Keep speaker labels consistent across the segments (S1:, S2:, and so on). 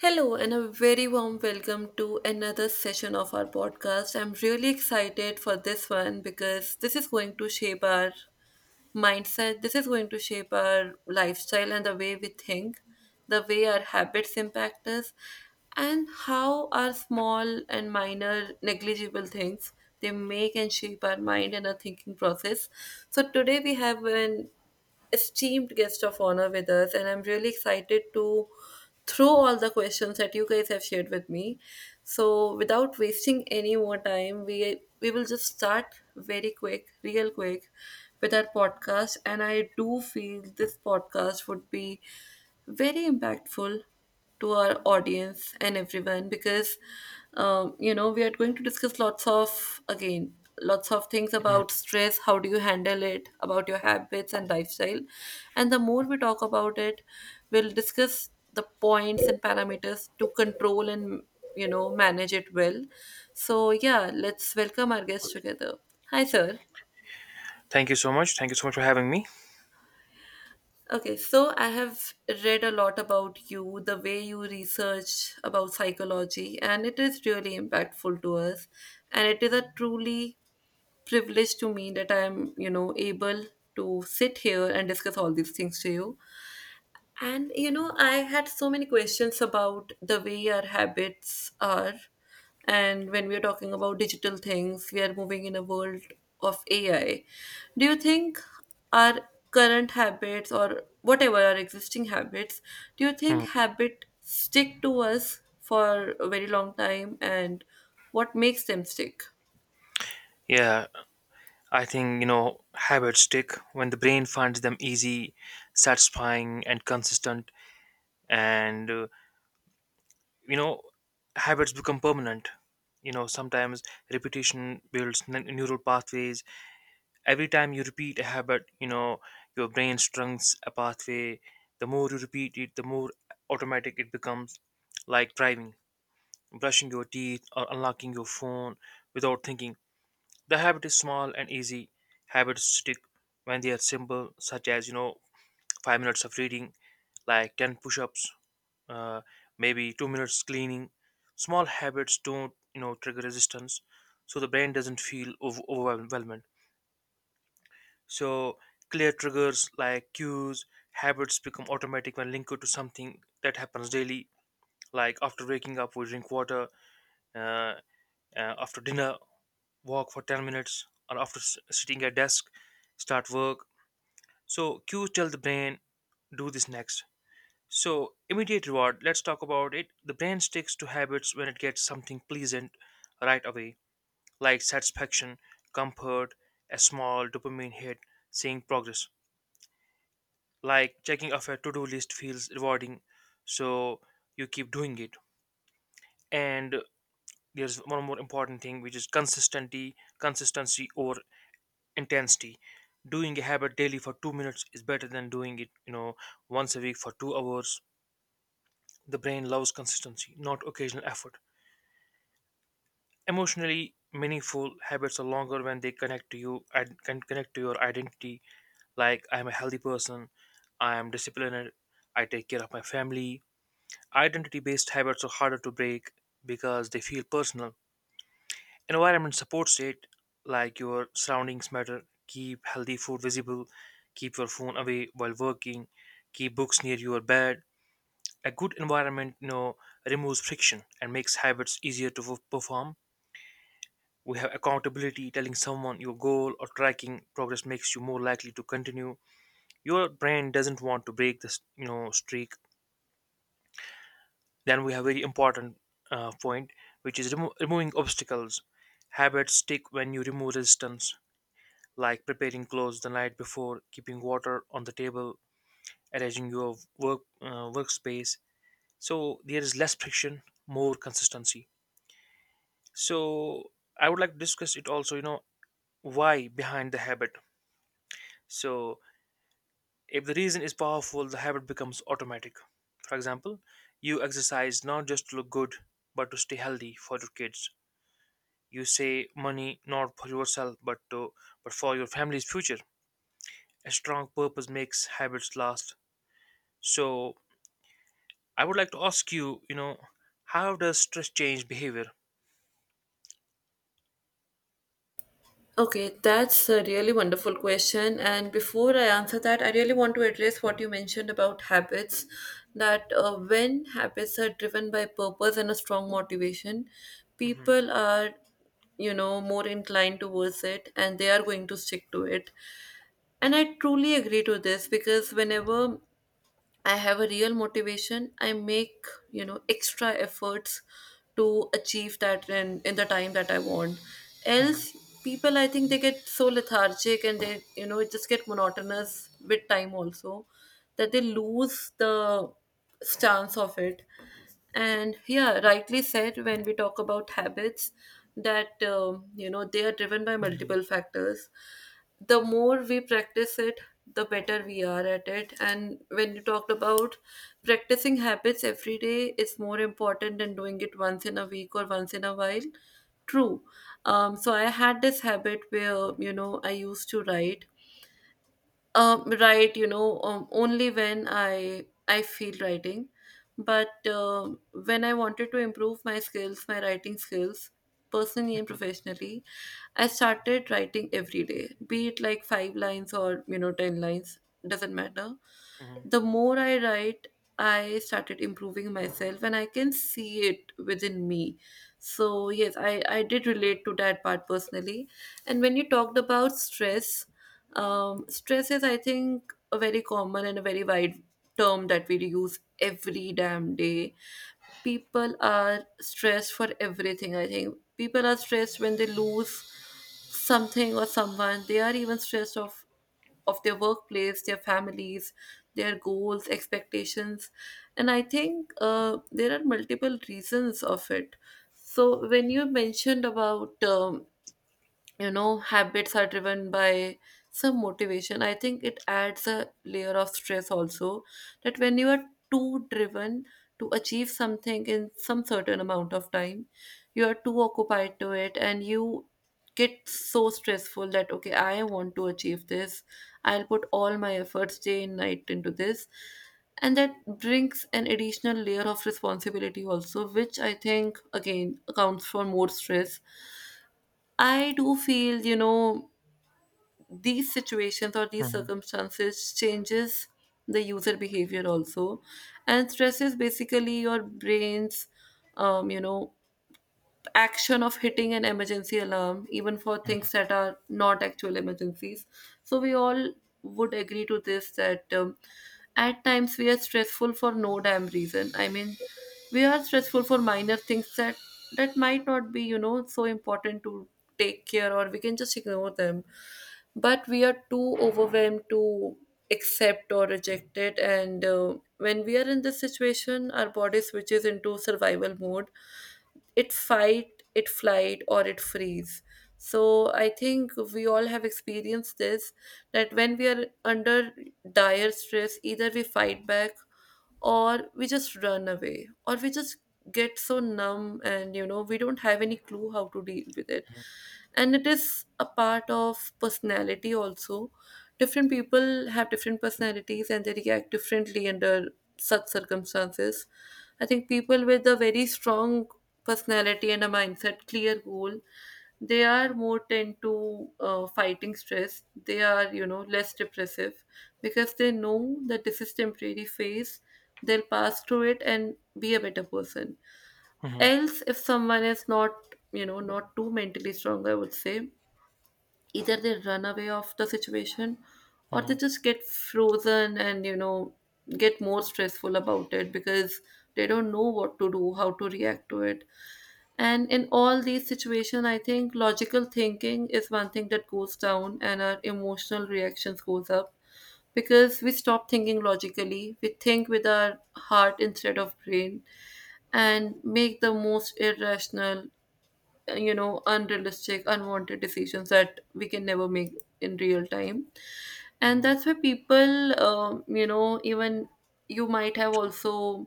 S1: Hello, and a very warm welcome to another session of our podcast. I'm really excited for this one because this is going to shape our mindset, this is going to shape our lifestyle and the way we think, the way our habits impact us, and how our small and minor negligible things they make and shape our mind and our thinking process. So, today we have an esteemed guest of honor with us, and I'm really excited to throw all the questions that you guys have shared with me. So, without wasting any more time, we will just start very quick, real quick, with our podcast. And I do feel this podcast would be very impactful to our audience and everyone because we are going to discuss lots of, again, lots of things
S2: Mm.
S1: about stress, how do you handle it, about your habits and lifestyle, and the more we talk about it, we'll discuss the points and parameters to control and, you know, manage it well. So yeah, let's welcome our guests together. Hi sir.
S2: Thank you so much. Thank you so much for having me.
S1: Okay, so I have read a lot about you, the way you research about psychology, and it is really impactful to us. And it is a truly privilege to me that I am, you know, able to sit here and discuss all these things to you. And you know, I had so many questions about the way our habits are. And when we're talking about digital things, we are moving in a world of AI. Do you think our current habits or whatever our existing habits, do you think
S2: Hmm.
S1: habit stick to us for a very long time and what makes them stick?
S2: Yeah, I think, you know, habits stick when the brain finds them easy, satisfying, and consistent. And, you know, habits become permanent. You know, sometimes repetition builds neural pathways. Every time you repeat a habit, you know, your brain strings a pathway. The more you repeat it, the more automatic it becomes, like driving, brushing your teeth, or unlocking your phone without thinking. The habit is small and easy. Habits stick when they are simple, such as you know, 5 minutes of reading, like 10 push-ups, uh, maybe 2 minutes cleaning. Small habits don't you know trigger resistance, so the brain doesn't feel overwhelmed. So clear triggers like cues, habits become automatic when linked to something that happens daily. Like after waking up, we drink water. Uh, After dinner, walk for 10 minutes, or after sitting at desk, start work. So cues tell the brain, do this next. So immediate reward, let's talk about it. The brain sticks to habits when it gets something pleasant right away, like satisfaction, comfort, a small dopamine hit, seeing progress. Like checking off a to-do list feels rewarding, so you keep doing it. And there's one more important thing which is consistency or intensity. Doing a habit daily for 2 minutes is better than doing it, you know, once a week for 2 hours. The brain loves consistency, not occasional effort. Emotionally meaningful habits are longer when they connect to you and can connect to your identity. Like I am a healthy person, I am disciplined, I take care of my family. Identity-based habits are harder to break because they feel personal. Environment supports it, like your surroundings matter. Keep healthy food visible, keep your phone away while working, keep books near your bed. A good environment you know, removes friction and makes habits easier to perform. We have accountability, telling someone your goal or tracking progress makes you more likely to continue. Your brain doesn't want to break this, you know, streak. Then we have very important point, which is removing obstacles. Habits stick when you remove resistance, like preparing clothes the night before, keeping water on the table, arranging your work workspace. So there is less friction, more consistency. So I would like to discuss it also, you know, why behind the habit. So if the reason is powerful, the habit becomes automatic. For example, you exercise not just to look good, but to stay healthy for your kids. You save money not for yourself, but for your family's future. A strong purpose makes habits last. So I would like to ask you, you know, how does stress change behavior?
S1: Okay, that's a really wonderful question. And before I answer that, I really want to address what you mentioned about habits. That when habits are driven by purpose and a strong motivation,
S2: Mhm,
S1: people are, you know, more inclined towards it and they are going to stick to it. And I truly agree to this because whenever I have a real motivation, I make, you know, extra efforts to achieve that in the time that I want.
S2: mhm,
S1: Else, people, I think they get so lethargic and they, you know, it just get monotonous with time also that they lose the stance of it. And yeah, rightly said, when we talk about habits that, you know, they are driven by
S2: mhm,
S1: multiple factors, the more we practice it, the better we are at it. And when you talked about practicing habits every day, it's more important than doing it once in a week or once in a while. True. So I had this habit where, you know, I used to write only when I feel writing, but when I wanted to improve my skills, my writing skills, personally and professionally, I started writing every day, be it like five lines or, you know, ten lines, doesn't matter.
S2: mhm,
S1: The more I write, I started improving myself, and I can see it within me. So yes, I did relate to that part personally. And when you talked about stress, stress is, I think, a very common and a very wide term that we use every damn day. People are stressed for everything, I think. People are stressed when they lose something or someone. They are even stressed of their workplace, their families, their goals, expectations. And I think there are multiple reasons of it. So when you mentioned about you know, habits are driven by some motivation, I think it adds a layer of stress also, that when you are too driven to achieve something in some certain amount of time, you are too occupied to it and you get so stressful that okay, I want to achieve this, I'll put all my efforts day and night into this, and that brings an additional layer of responsibility also, which I think again accounts for more stress. I do feel, you know, these situations or these
S2: mhm,
S1: circumstances changes the user behavior also, and stresses basically your brain's, you know, action of hitting an emergency alarm, even for things that are not actual emergencies. So we all would agree to this that, at times we are stressful for no damn reason. I mean, we are stressful for minor things that might not be, you know, so important to take care, or we can just ignore them, but we are too overwhelmed to accept or reject it. And when we are in this situation, our body switches into survival mode. It fight, it flight, or it freeze. So I think we all have experienced this, that when we are under dire stress, either we fight back, or we just run away, or we just get so numb and, you know, we don't have any clue how to deal with it. And it is a part of personality also. Different people have different personalities and they react differently under such circumstances. I think people with a very strong personality and a mindset, clear goal. They are more tend to fighting stress. They are, you know, less depressive because they know that this is temporary phase. They'll pass through it and be a better person.
S2: mhm, mhm,
S1: Else, if someone is not, you know, not too mentally strong, I would say either they run away of the situation or they
S2: mhm,
S1: just get frozen, and you know, get more stressful about it because they don't know what to do, how to react to it. And in all these situations, I think logical thinking is one thing that goes down and our emotional reactions goes up, because we stop thinking logically, we think with our heart instead of brain, and make the most irrational, you know, unrealistic, unwanted decisions that we can never make in real time. And
S2: mhm.
S1: that's why people, you know, even you might have
S2: True.
S1: also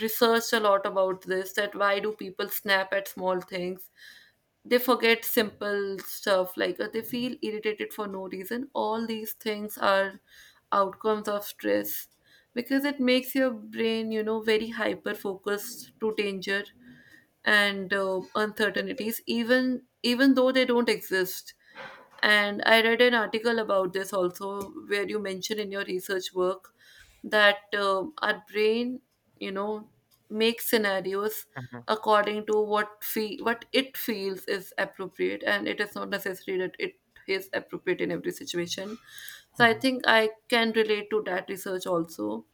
S1: researched a lot about this, that why do people snap at small things, they forget simple stuff, like they feel irritated for no reason. All these things are outcomes of stress, because it makes your brain, you know, very hyper focused to danger and, uncertainties, even though they don't exist. And I read an article about this also, where you mention in your research work that, our brain, you know, makes scenarios according to what what it feels is appropriate, and it is not necessary that it is appropriate in every situation. So I
S2: Mhm,
S1: think I can relate to that research also.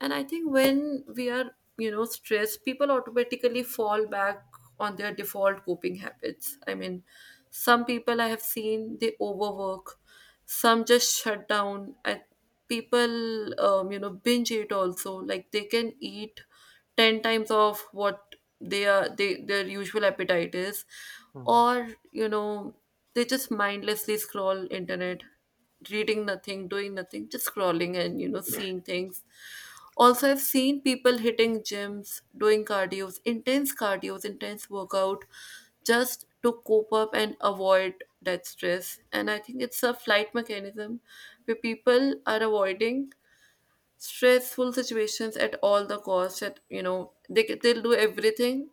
S1: And I think when we are, you know, stressed, people automatically fall back on their default coping habits. I mean, some people I have seen they overwork, some just shut down. People, you know, binge eat also. Like they can eat 10 times of what they their usual appetite is,
S2: mhm.
S1: or you know, they just mindlessly scroll internet, reading nothing, doing nothing, just scrolling and, you know, seeing things. Also, I've seen people hitting gyms doing cardios, intense cardios, intense workout, just to cope up and avoid that stress. And I think it's a flight mechanism where people are avoiding stressful situations at all the cost, at you know, they they'll do everything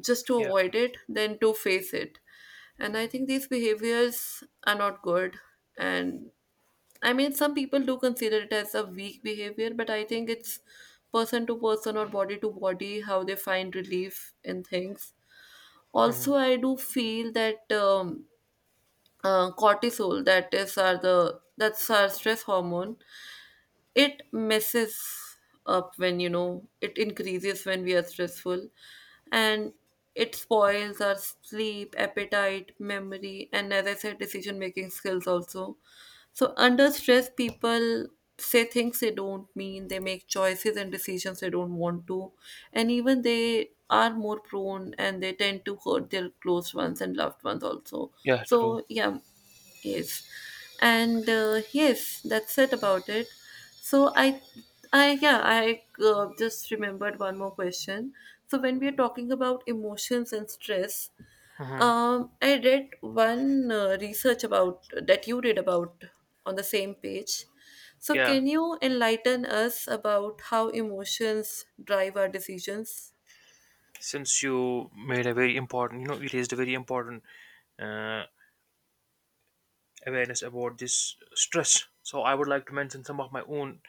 S1: just to
S2: Yeah.
S1: avoid it than to face it. And I think these behaviors are not good. And I mean, some people do consider it as a weak behavior, but I think it's person to person or body to body how they find relief in things. Also,
S2: Mhm.
S1: I do feel that, cortisol, that is, are the that's our stress hormone, it messes up when, you know, it increases when we are stressful. And it spoils our sleep, appetite, memory, and as I said, decision making skills also. So under stress, people say things they don't mean, they make choices and decisions they don't want to, and even they are more prone and they tend to hurt their close ones and loved ones also.
S2: Yeah.
S1: So
S2: True.
S1: yeah. Yes, and yes, that's it about it. So I Yeah, I just remembered one more question. So when we are talking about emotions and stress,
S2: Mhm.
S1: I read one research about that you read about on the same page. So
S2: Yeah.
S1: can you enlighten us about how emotions drive our decisions?
S2: Since you made a very important, you know, you raised a very important uh, awareness about this stress. So I would like to mention some of my own,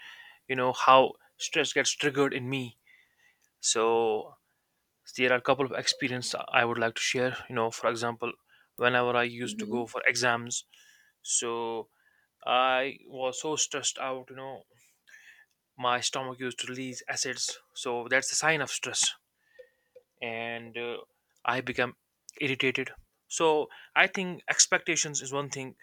S2: you know, how stress gets triggered in me. So there are a couple of experience I would like to share. You know, for example, whenever I used to
S1: Hmm.
S2: go for exams, so I was so stressed out. You know, my stomach used to release acids. So that's a sign of stress. And I become irritated. So I think expectations is one thing,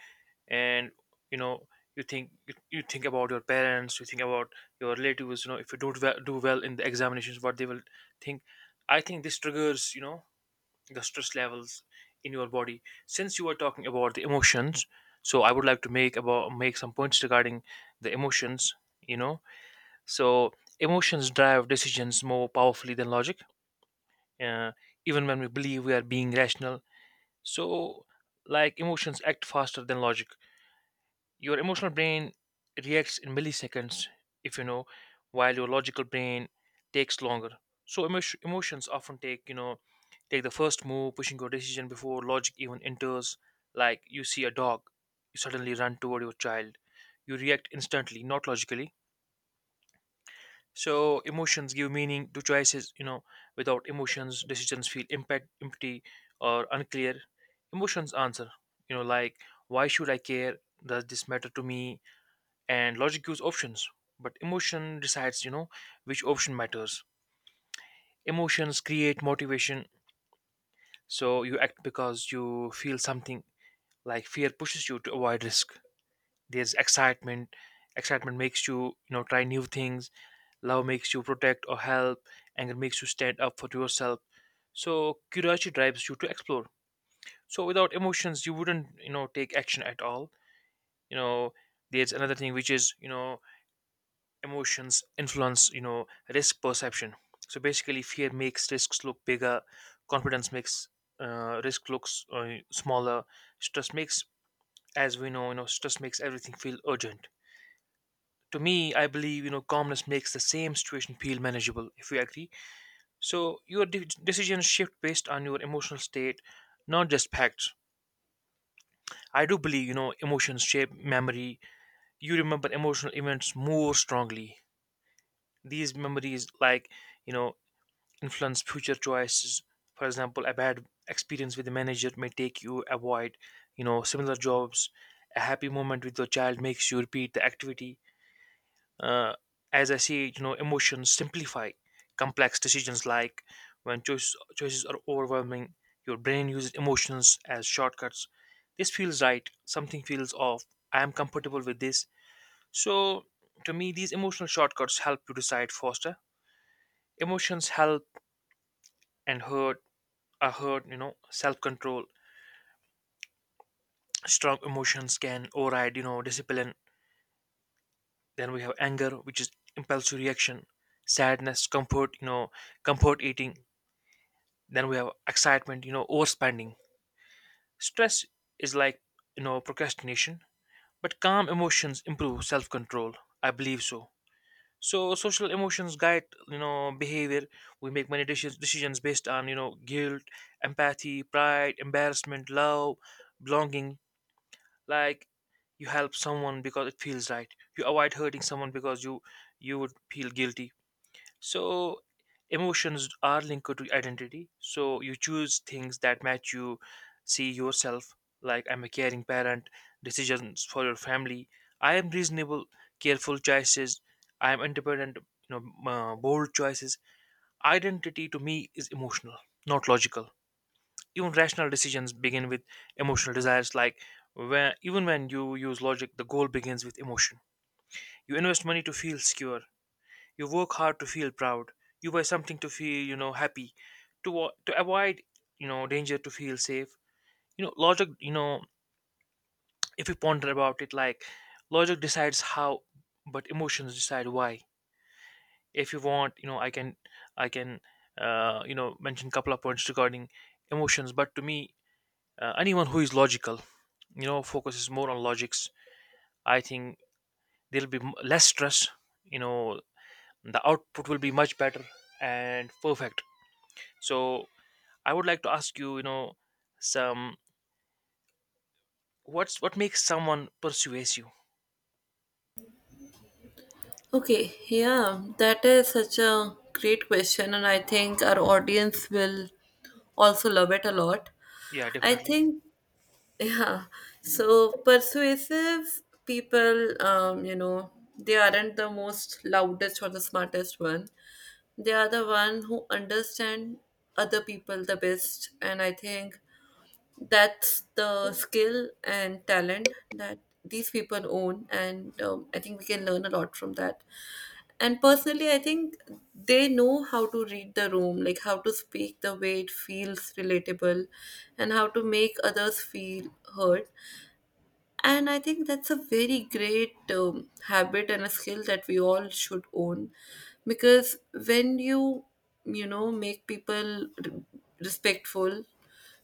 S2: and you know you think about your parents, you think about your relatives. You know if you don't well, do well in the examinations, what they will think. I think this triggers you know the stress levels in your body. Since you were talking about the emotions, so I would like to make some points regarding the emotions. You know, so emotions drive decisions more powerfully than logic, uh, even when we believe we are being rational. So, like emotions act faster than logic. Your emotional brain reacts in milliseconds, if you know, while your logical brain takes longer. So, emotions often take the first move, pushing your decision before logic even enters. Like you see a dog, you suddenly run toward your child. You react instantly, not logically. So emotions give meaning to choices. You know, without emotions, decisions feel empty, or unclear. Emotions answer. You know, like why should I care? Does this matter to me? And logic gives options, but emotion decides. You know, which option matters. Emotions create motivation, so you act because you feel something. Like fear pushes you to avoid risk. There's excitement. Excitement makes you, you know, try new things. Love makes you protect or help. Anger makes you stand up for yourself. So curiosity drives you to explore. So without emotions, you wouldn't, you know, take action at all. You know, there's another thing which is, you know, emotions influence, you know, risk perception. So basically, fear makes risks look bigger. Confidence makes risk looks smaller. Stress makes, as we know, you know, stress makes everything feel urgent. To me, I believe, you know, calmness makes the same situation feel manageable. If you agree. So your decisions shift based on your emotional state, not just facts. I do believe, you know, emotions shape memory. You remember emotional events more strongly. These memories, like, you know, influence future choices. For example, a bad experience with the manager may take you avoid, you know, similar jobs. A happy moment with your child makes you repeat the activity. uh, as I see, you know, emotions simplify complex decisions. Like when choices are overwhelming, your brain uses emotions as shortcuts. This feels right. Something feels off. I am comfortable with this. So, to me, these emotional shortcuts help you decide faster. Emotions help and hurt are hurt. You know, self-control. Strong emotions can override, you know, discipline. Then we have anger, which is impulsive reaction. Sadness, comfort, you know, comfort eating. Then we have excitement, you know, overspending. Stress is like, you know, procrastination, but calm emotions improve self control. I believe so. So social emotions guide, you know, behavior. We make many decisions based on, you know, guilt, empathy, pride, embarrassment, love, belonging. Like you help someone because it feels right. You avoid hurting someone because you would feel guilty. So emotions are linked to identity. So you choose things that match you see yourself. Like I'm a caring parent, decisions for your family. I am reasonable, careful choices. I am independent, bold choices. Identity to me is emotional, not logical. Even rational decisions begin with emotional desires. Like even when you use logic, the goal begins with emotion. You invest money to feel secure. You work hard to feel proud. You wear something to feel, you know, happy. To avoid, you know, danger to feel safe. You know, logic. You know, if you ponder about it, like logic decides how, but emotions decide why. If you want, you know, I can, you know, mention couple of points regarding emotions. But to me, anyone who is logical, you know, focuses more on logics. I think there'll be less stress. You know, the output will be much better and perfect. So I would like to ask you, you know, some what's what makes someone persuades you?
S1: Okay, yeah, that is such a great question, and I think our audience will also love it a lot.
S2: Yeah,
S1: I
S2: definitely.
S1: think, yeah, so persuasive people, you know, they aren't the most loudest or the smartest one. They are the one who understand other people the best. And I think that's the skill and talent that these people own. And I think we can learn a lot from that, and personally, I think they know how to read the room, like how to speak the way it feels relatable and how to make others feel heard. And I think that's a very great habit and a skill that we all should own. Because when you, make people respectful,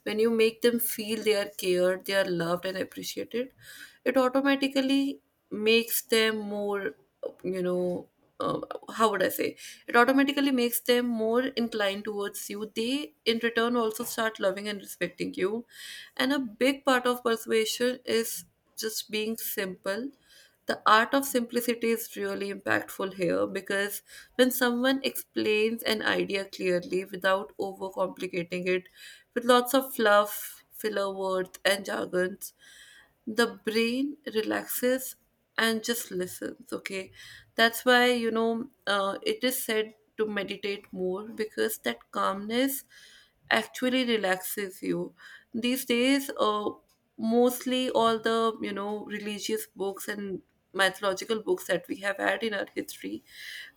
S1: when you make them feel they are cared, they are loved and appreciated, it automatically makes them more, you know, uh, how would I say? It automatically makes them more inclined towards you. They, in return, also start loving and respecting you. And a big part of persuasion is just being simple. The art of simplicity is really impactful here, because when someone explains an idea clearly without overcomplicating it with lots of fluff, filler words, and jargons, the brain relaxes and just listens. Okay, that's why, it is said to meditate more, because that calmness actually relaxes you. These days, mostly all the, religious books and mythological books that we have had in our history,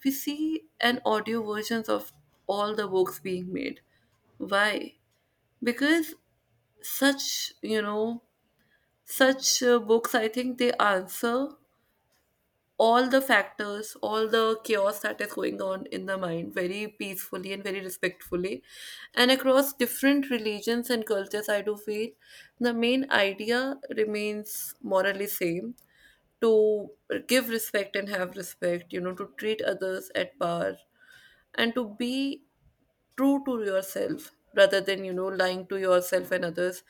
S1: we see an audio versions of all the books being made. Why? Because such, books, I think they answer all the factors, all the chaos that is going on in the mind very peacefully and very respectfully. And across different religions and cultures, I do feel the main idea remains morally same, to give respect and have respect, you know, to treat others at par, and to be true to yourself rather than, lying to yourself and others.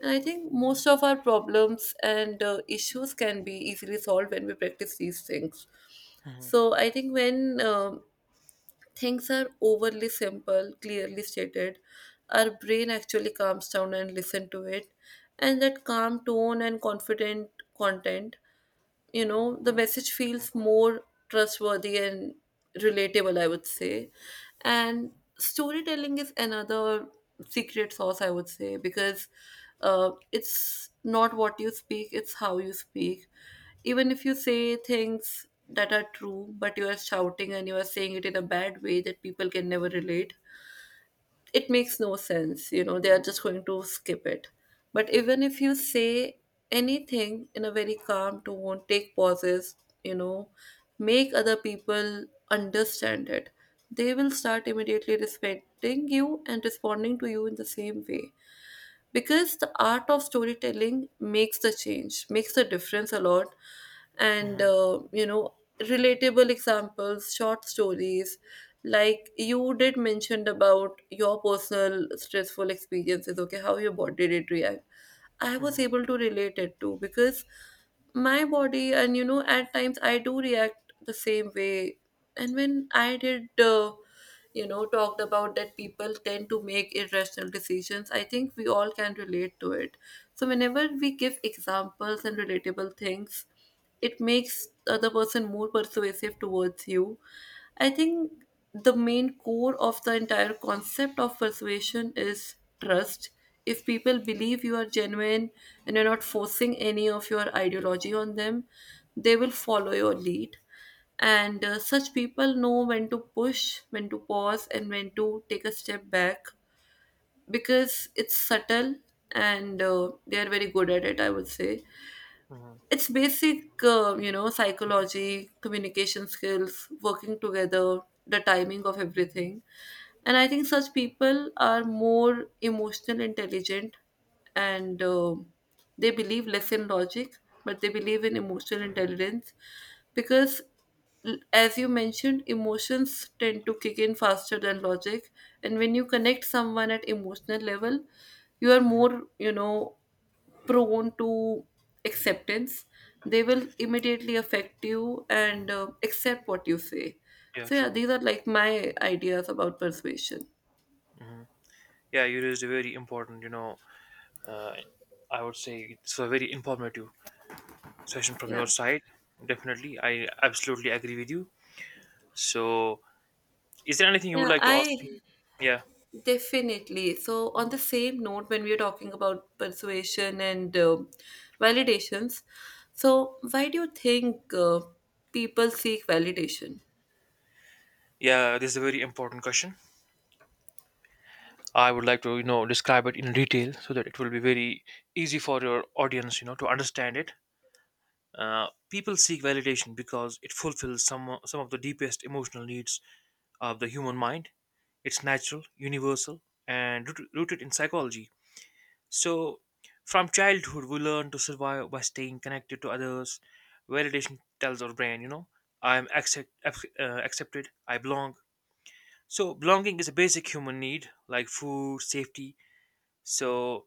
S1: And I think most of our problems and issues can be easily solved when we practice these things.
S2: Mm-hmm.
S1: So I think when things are overly simple, clearly stated, our brain actually calms down and listen to it. And that calm tone and confident content, you know, the message feels more trustworthy and relatable, I would say. And storytelling is another secret sauce, I would say, because it's not what you speak, it's how you speak. Even if you say things that are true but you are shouting and you are saying it in a bad way that people can never relate, it makes no sense. You know, they are just going to skip it. But even if you say anything in a very calm tone, take pauses, you know, make other people understand it, they will start immediately respecting you and responding to you in the same way, because the art of storytelling makes the change, makes the difference a lot. and
S2: Hmm.
S1: uh, you know relatable examples, short stories, like you did mentioned about your personal stressful experiences. Okay, how your body did react, I was
S2: Hmm.
S1: able to relate it to, because my body, and, you know, at times I do react the same way. And when I did, talked about that people tend to make irrational decisions, I think we all can relate to it. So whenever we give examples and relatable things, it makes the other person more persuasive towards you. I think the main core of the entire concept of persuasion is trust. If people believe you are genuine and you're not forcing any of your ideology on them, they will follow your lead. And such people know when to push, when to pause, and when to take a step back, because it's subtle, and they are very good at it, I would say.
S2: Hmm.
S1: It's basic, psychology, communication skills, working together, the timing of everything. And I think such people are more emotional intelligent, and they believe less in logic, but they believe in emotional intelligence, because, as you mentioned, emotions tend to kick in faster than logic. And when you connect someone at emotional level, you are
S2: Hmm.
S1: more, you know, prone to acceptance. They will immediately affect you and accept what you say.
S2: Yeah,
S1: So yeah,
S2: true.
S1: these are like my ideas about persuasion.
S2: Hmm. Yeah, you raised a very important, you know, uh, I would say it's a very informative session from
S1: Yeah.
S2: your side. Definitely, I absolutely agree with you. So, is there anything you
S1: yeah
S2: would like to ask
S1: i
S2: me? Yeah,
S1: definitely. So on the same note, when we are talking about persuasion and validations, so why do you think people seek validation?
S2: yeah, this is a very important question. I would like to, you know, describe it in detail so that it will be very easy for your audience, you know, to understand it. People seek validation because it fulfills some of the deepest emotional needs of the human mind. It's natural, universal, and rooted in psychology. So, from childhood, we learn to survive by staying connected to others. Validation tells our brain, you know, I'm accepted, I belong. So, belonging is a basic human need like food, safety. So,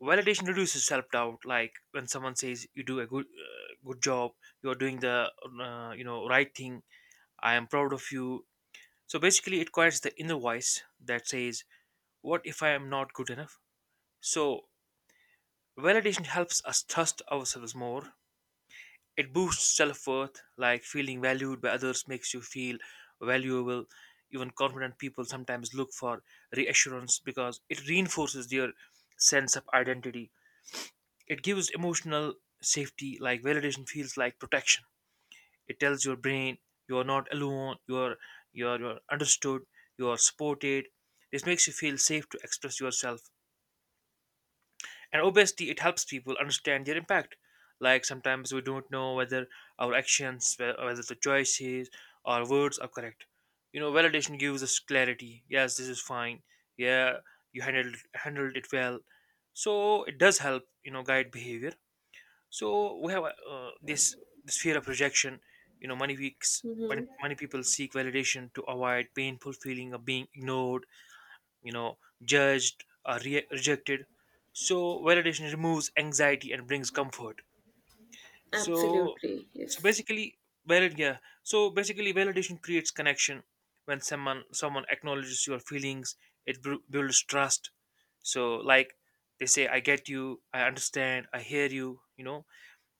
S2: validation reduces self doubt. Like when someone says you do a good job, you are doing the you know right thing. I am proud of you. So basically, it quiets the inner voice that says, "What if I am not good enough?" So validation helps us trust ourselves more. It boosts self worth. Like feeling valued by others makes you feel valuable. Even confident people sometimes look for reassurance because it reinforces their sense of identity. It gives emotional safety, like validation feels like protection. It tells your brain you are not alone, you are understood, you are supported. This makes you feel safe to express yourself. And obviously, it helps people understand their impact. Like sometimes we don't know whether our whether the choices or words are correct. You know, validation gives us clarity. Yes, this is fine. Yeah, you handled it well. So it does help, you know, guide behavior. So we have this fear of rejection. You know many
S1: Hmm.
S2: many people seek validation to avoid painful feeling of being ignored, you know, judged or rejected. So validation removes anxiety and brings comfort. so
S1: Absolutely,
S2: so
S1: yes.
S2: basically so basically validation creates connection. When someone acknowledges your feelings, it builds trust. So like they say, I get you, I understand, I hear you. You know,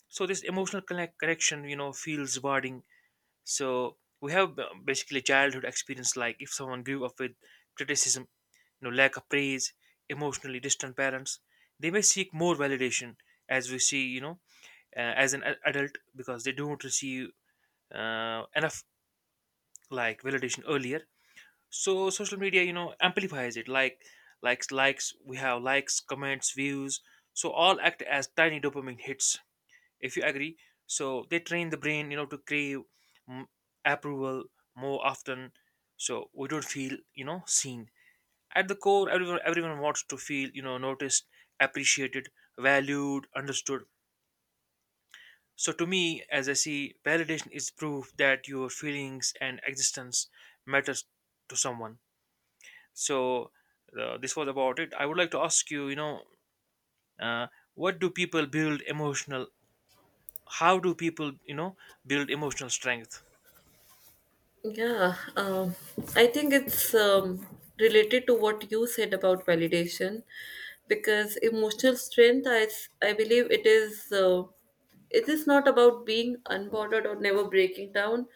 S2: so this emotional connection you know feels rewarding. So we have basically childhood experience, like if someone grew up with criticism, you know, lack of praise, emotionally distant parents, they may seek more validation as we see, you know, as an adult because they don't receive enough like validation earlier. So social media you know amplifies it, like likes likes we have likes, comments, views, so all act as tiny dopamine hits, if you agree. So they train the brain you know to crave, mm, approval more often. So we don't feel you know seen. At the core, everyone wants to feel you know noticed, appreciated, valued, understood. So to me, as I see, validation is proof that your feelings and existence matters to someone. So this was about it. I would like to ask you, you know, uh, what do people build emotional how do people you know build emotional strength?
S1: Yeah, I think it's related to what you said about validation, because emotional strength, I believe it is not about being unbothered or never breaking down.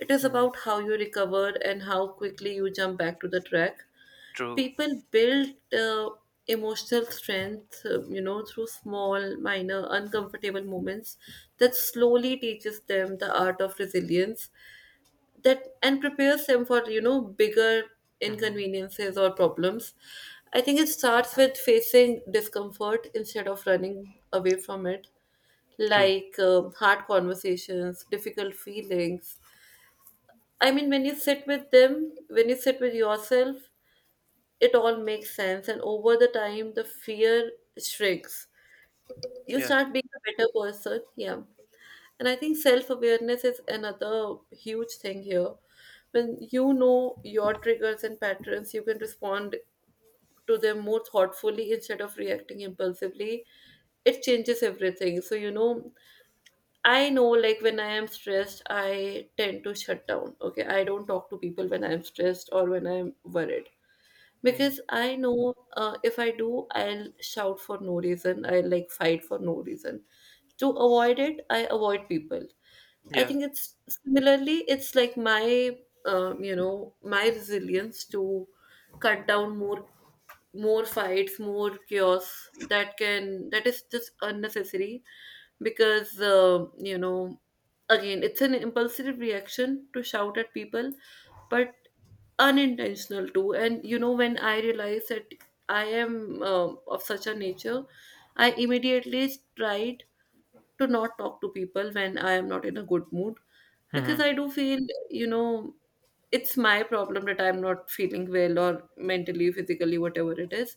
S1: It is
S2: Mhm.
S1: about how you recover and how quickly you jump back to the track.
S2: True.
S1: People build emotional strength, you know, through small, minor, uncomfortable moments that slowly teaches them the art of resilience, that and prepares them for, you know, bigger
S2: Mhm.
S1: inconveniences or problems. I think it starts with facing discomfort instead of running away from it,
S2: True.
S1: like hard conversations, difficult feelings. I mean, when you sit with them, when you sit with yourself, it all makes sense, and over the time the fear shrinks. You
S2: Yeah.
S1: start being a better person. Yeah. And I think self awareness is another huge thing here. When you know your triggers and patterns, you can respond to them more thoughtfully instead of reacting impulsively. It changes everything. So, you know, I know, like, when I am stressed, I tend to shut down. Okay. I don't talk to people when I'm stressed or when I'm worried,
S2: Mhm.
S1: because I know, if I do, I'll shout for no reason. I'll like fight for no reason. To avoid it, I avoid people. I
S2: Yeah.
S1: think it's similarly, it's like my, you know, my resilience to cut down more, more fights, more chaos that can, that is just unnecessary, because, you know, again, it's an impulsive reaction to shout at people, but unintentional too. And you know, when I realized that I am, of such a nature, I immediately tried to not talk to people when I am not in a good mood, because
S2: Mhm.
S1: I do feel, you know, it's my problem that I'm not feeling well or mentally, physically, whatever it is.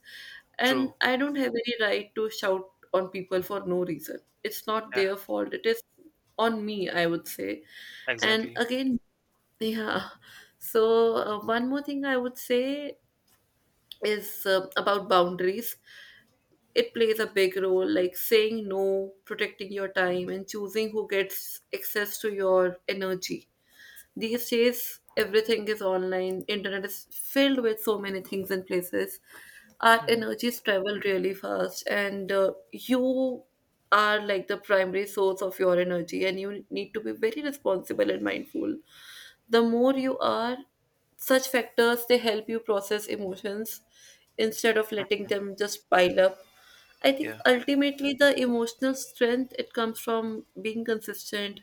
S1: And
S2: True.
S1: I don't have any right to shout on people for no reason. It's not
S2: Yeah.
S1: their fault. It is on me, I would say. And
S2: Exactly.
S1: again, yeah. So, one more thing I would say is about boundaries. It plays a big role, like saying no, protecting your time, and choosing who gets access to your energy. These days everything is online, internet is filled with so many things and places, our
S2: Mhm.
S1: energies travel really fast, and you are like the primary source of your energy, and you need to be very responsible and mindful. The more you are, such factors, they help you process emotions instead of letting them just pile up. I think
S2: Yeah.
S1: ultimately the emotional strength, it comes from being consistent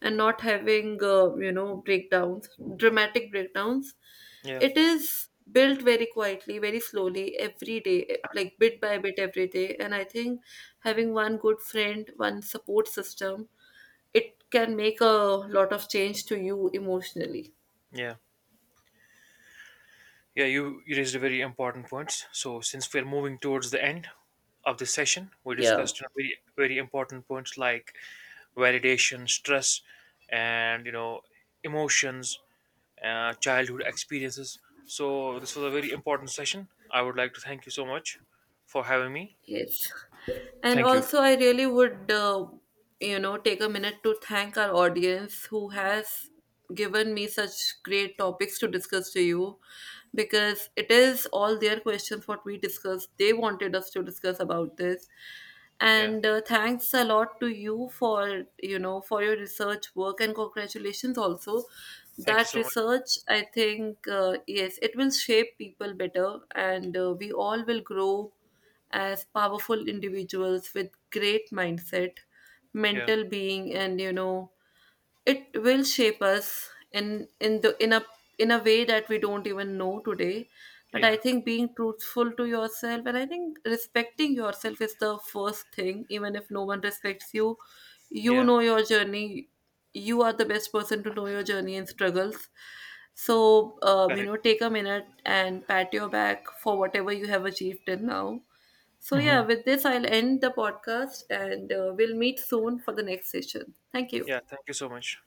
S1: and not having, breakdowns, dramatic breakdowns.
S2: Yeah.
S1: It is built very quietly, very slowly, every day, like bit by bit every day. And I think having one good friend, one support system, it can make a lot of change to you emotionally.
S2: Yeah. Yeah. You raised a very important points. So since we're moving towards the end of this session, we
S1: Yeah.
S2: discussed you know, very very important points like validation, stress, and you know emotions, childhood experiences. So this was a very important session. I would like to thank you so much for having me.
S1: Yes. And
S2: Thank you.
S1: also, I really would, take a minute to thank our audience who has given me such great topics to discuss to you, because it is all their questions what we discussed. They wanted us to discuss about this.
S2: Yeah.
S1: And thanks a lot to you for, you know, for your research work, and congratulations also.
S2: Thank you
S1: That
S2: so much.
S1: research, I think, yes, it will shape people better, and we all will grow as powerful individuals with great mindset,
S2: Yeah.
S1: mental being, and you know, it will shape us in the in a way that we don't even know today. But I
S2: Yeah,
S1: think being truthful to yourself, and I think respecting yourself is the first thing. Even if no one respects you, you
S2: yeah,
S1: know your journey, you are the best person to know your journey and struggles. So you
S2: correct.
S1: know, take a minute and pat your back for whatever you have achieved till now. So yeah,
S2: Hmm.
S1: with this I'll end the podcast, and we'll meet soon for the next session. Thank you.
S2: Yeah, thank you so much.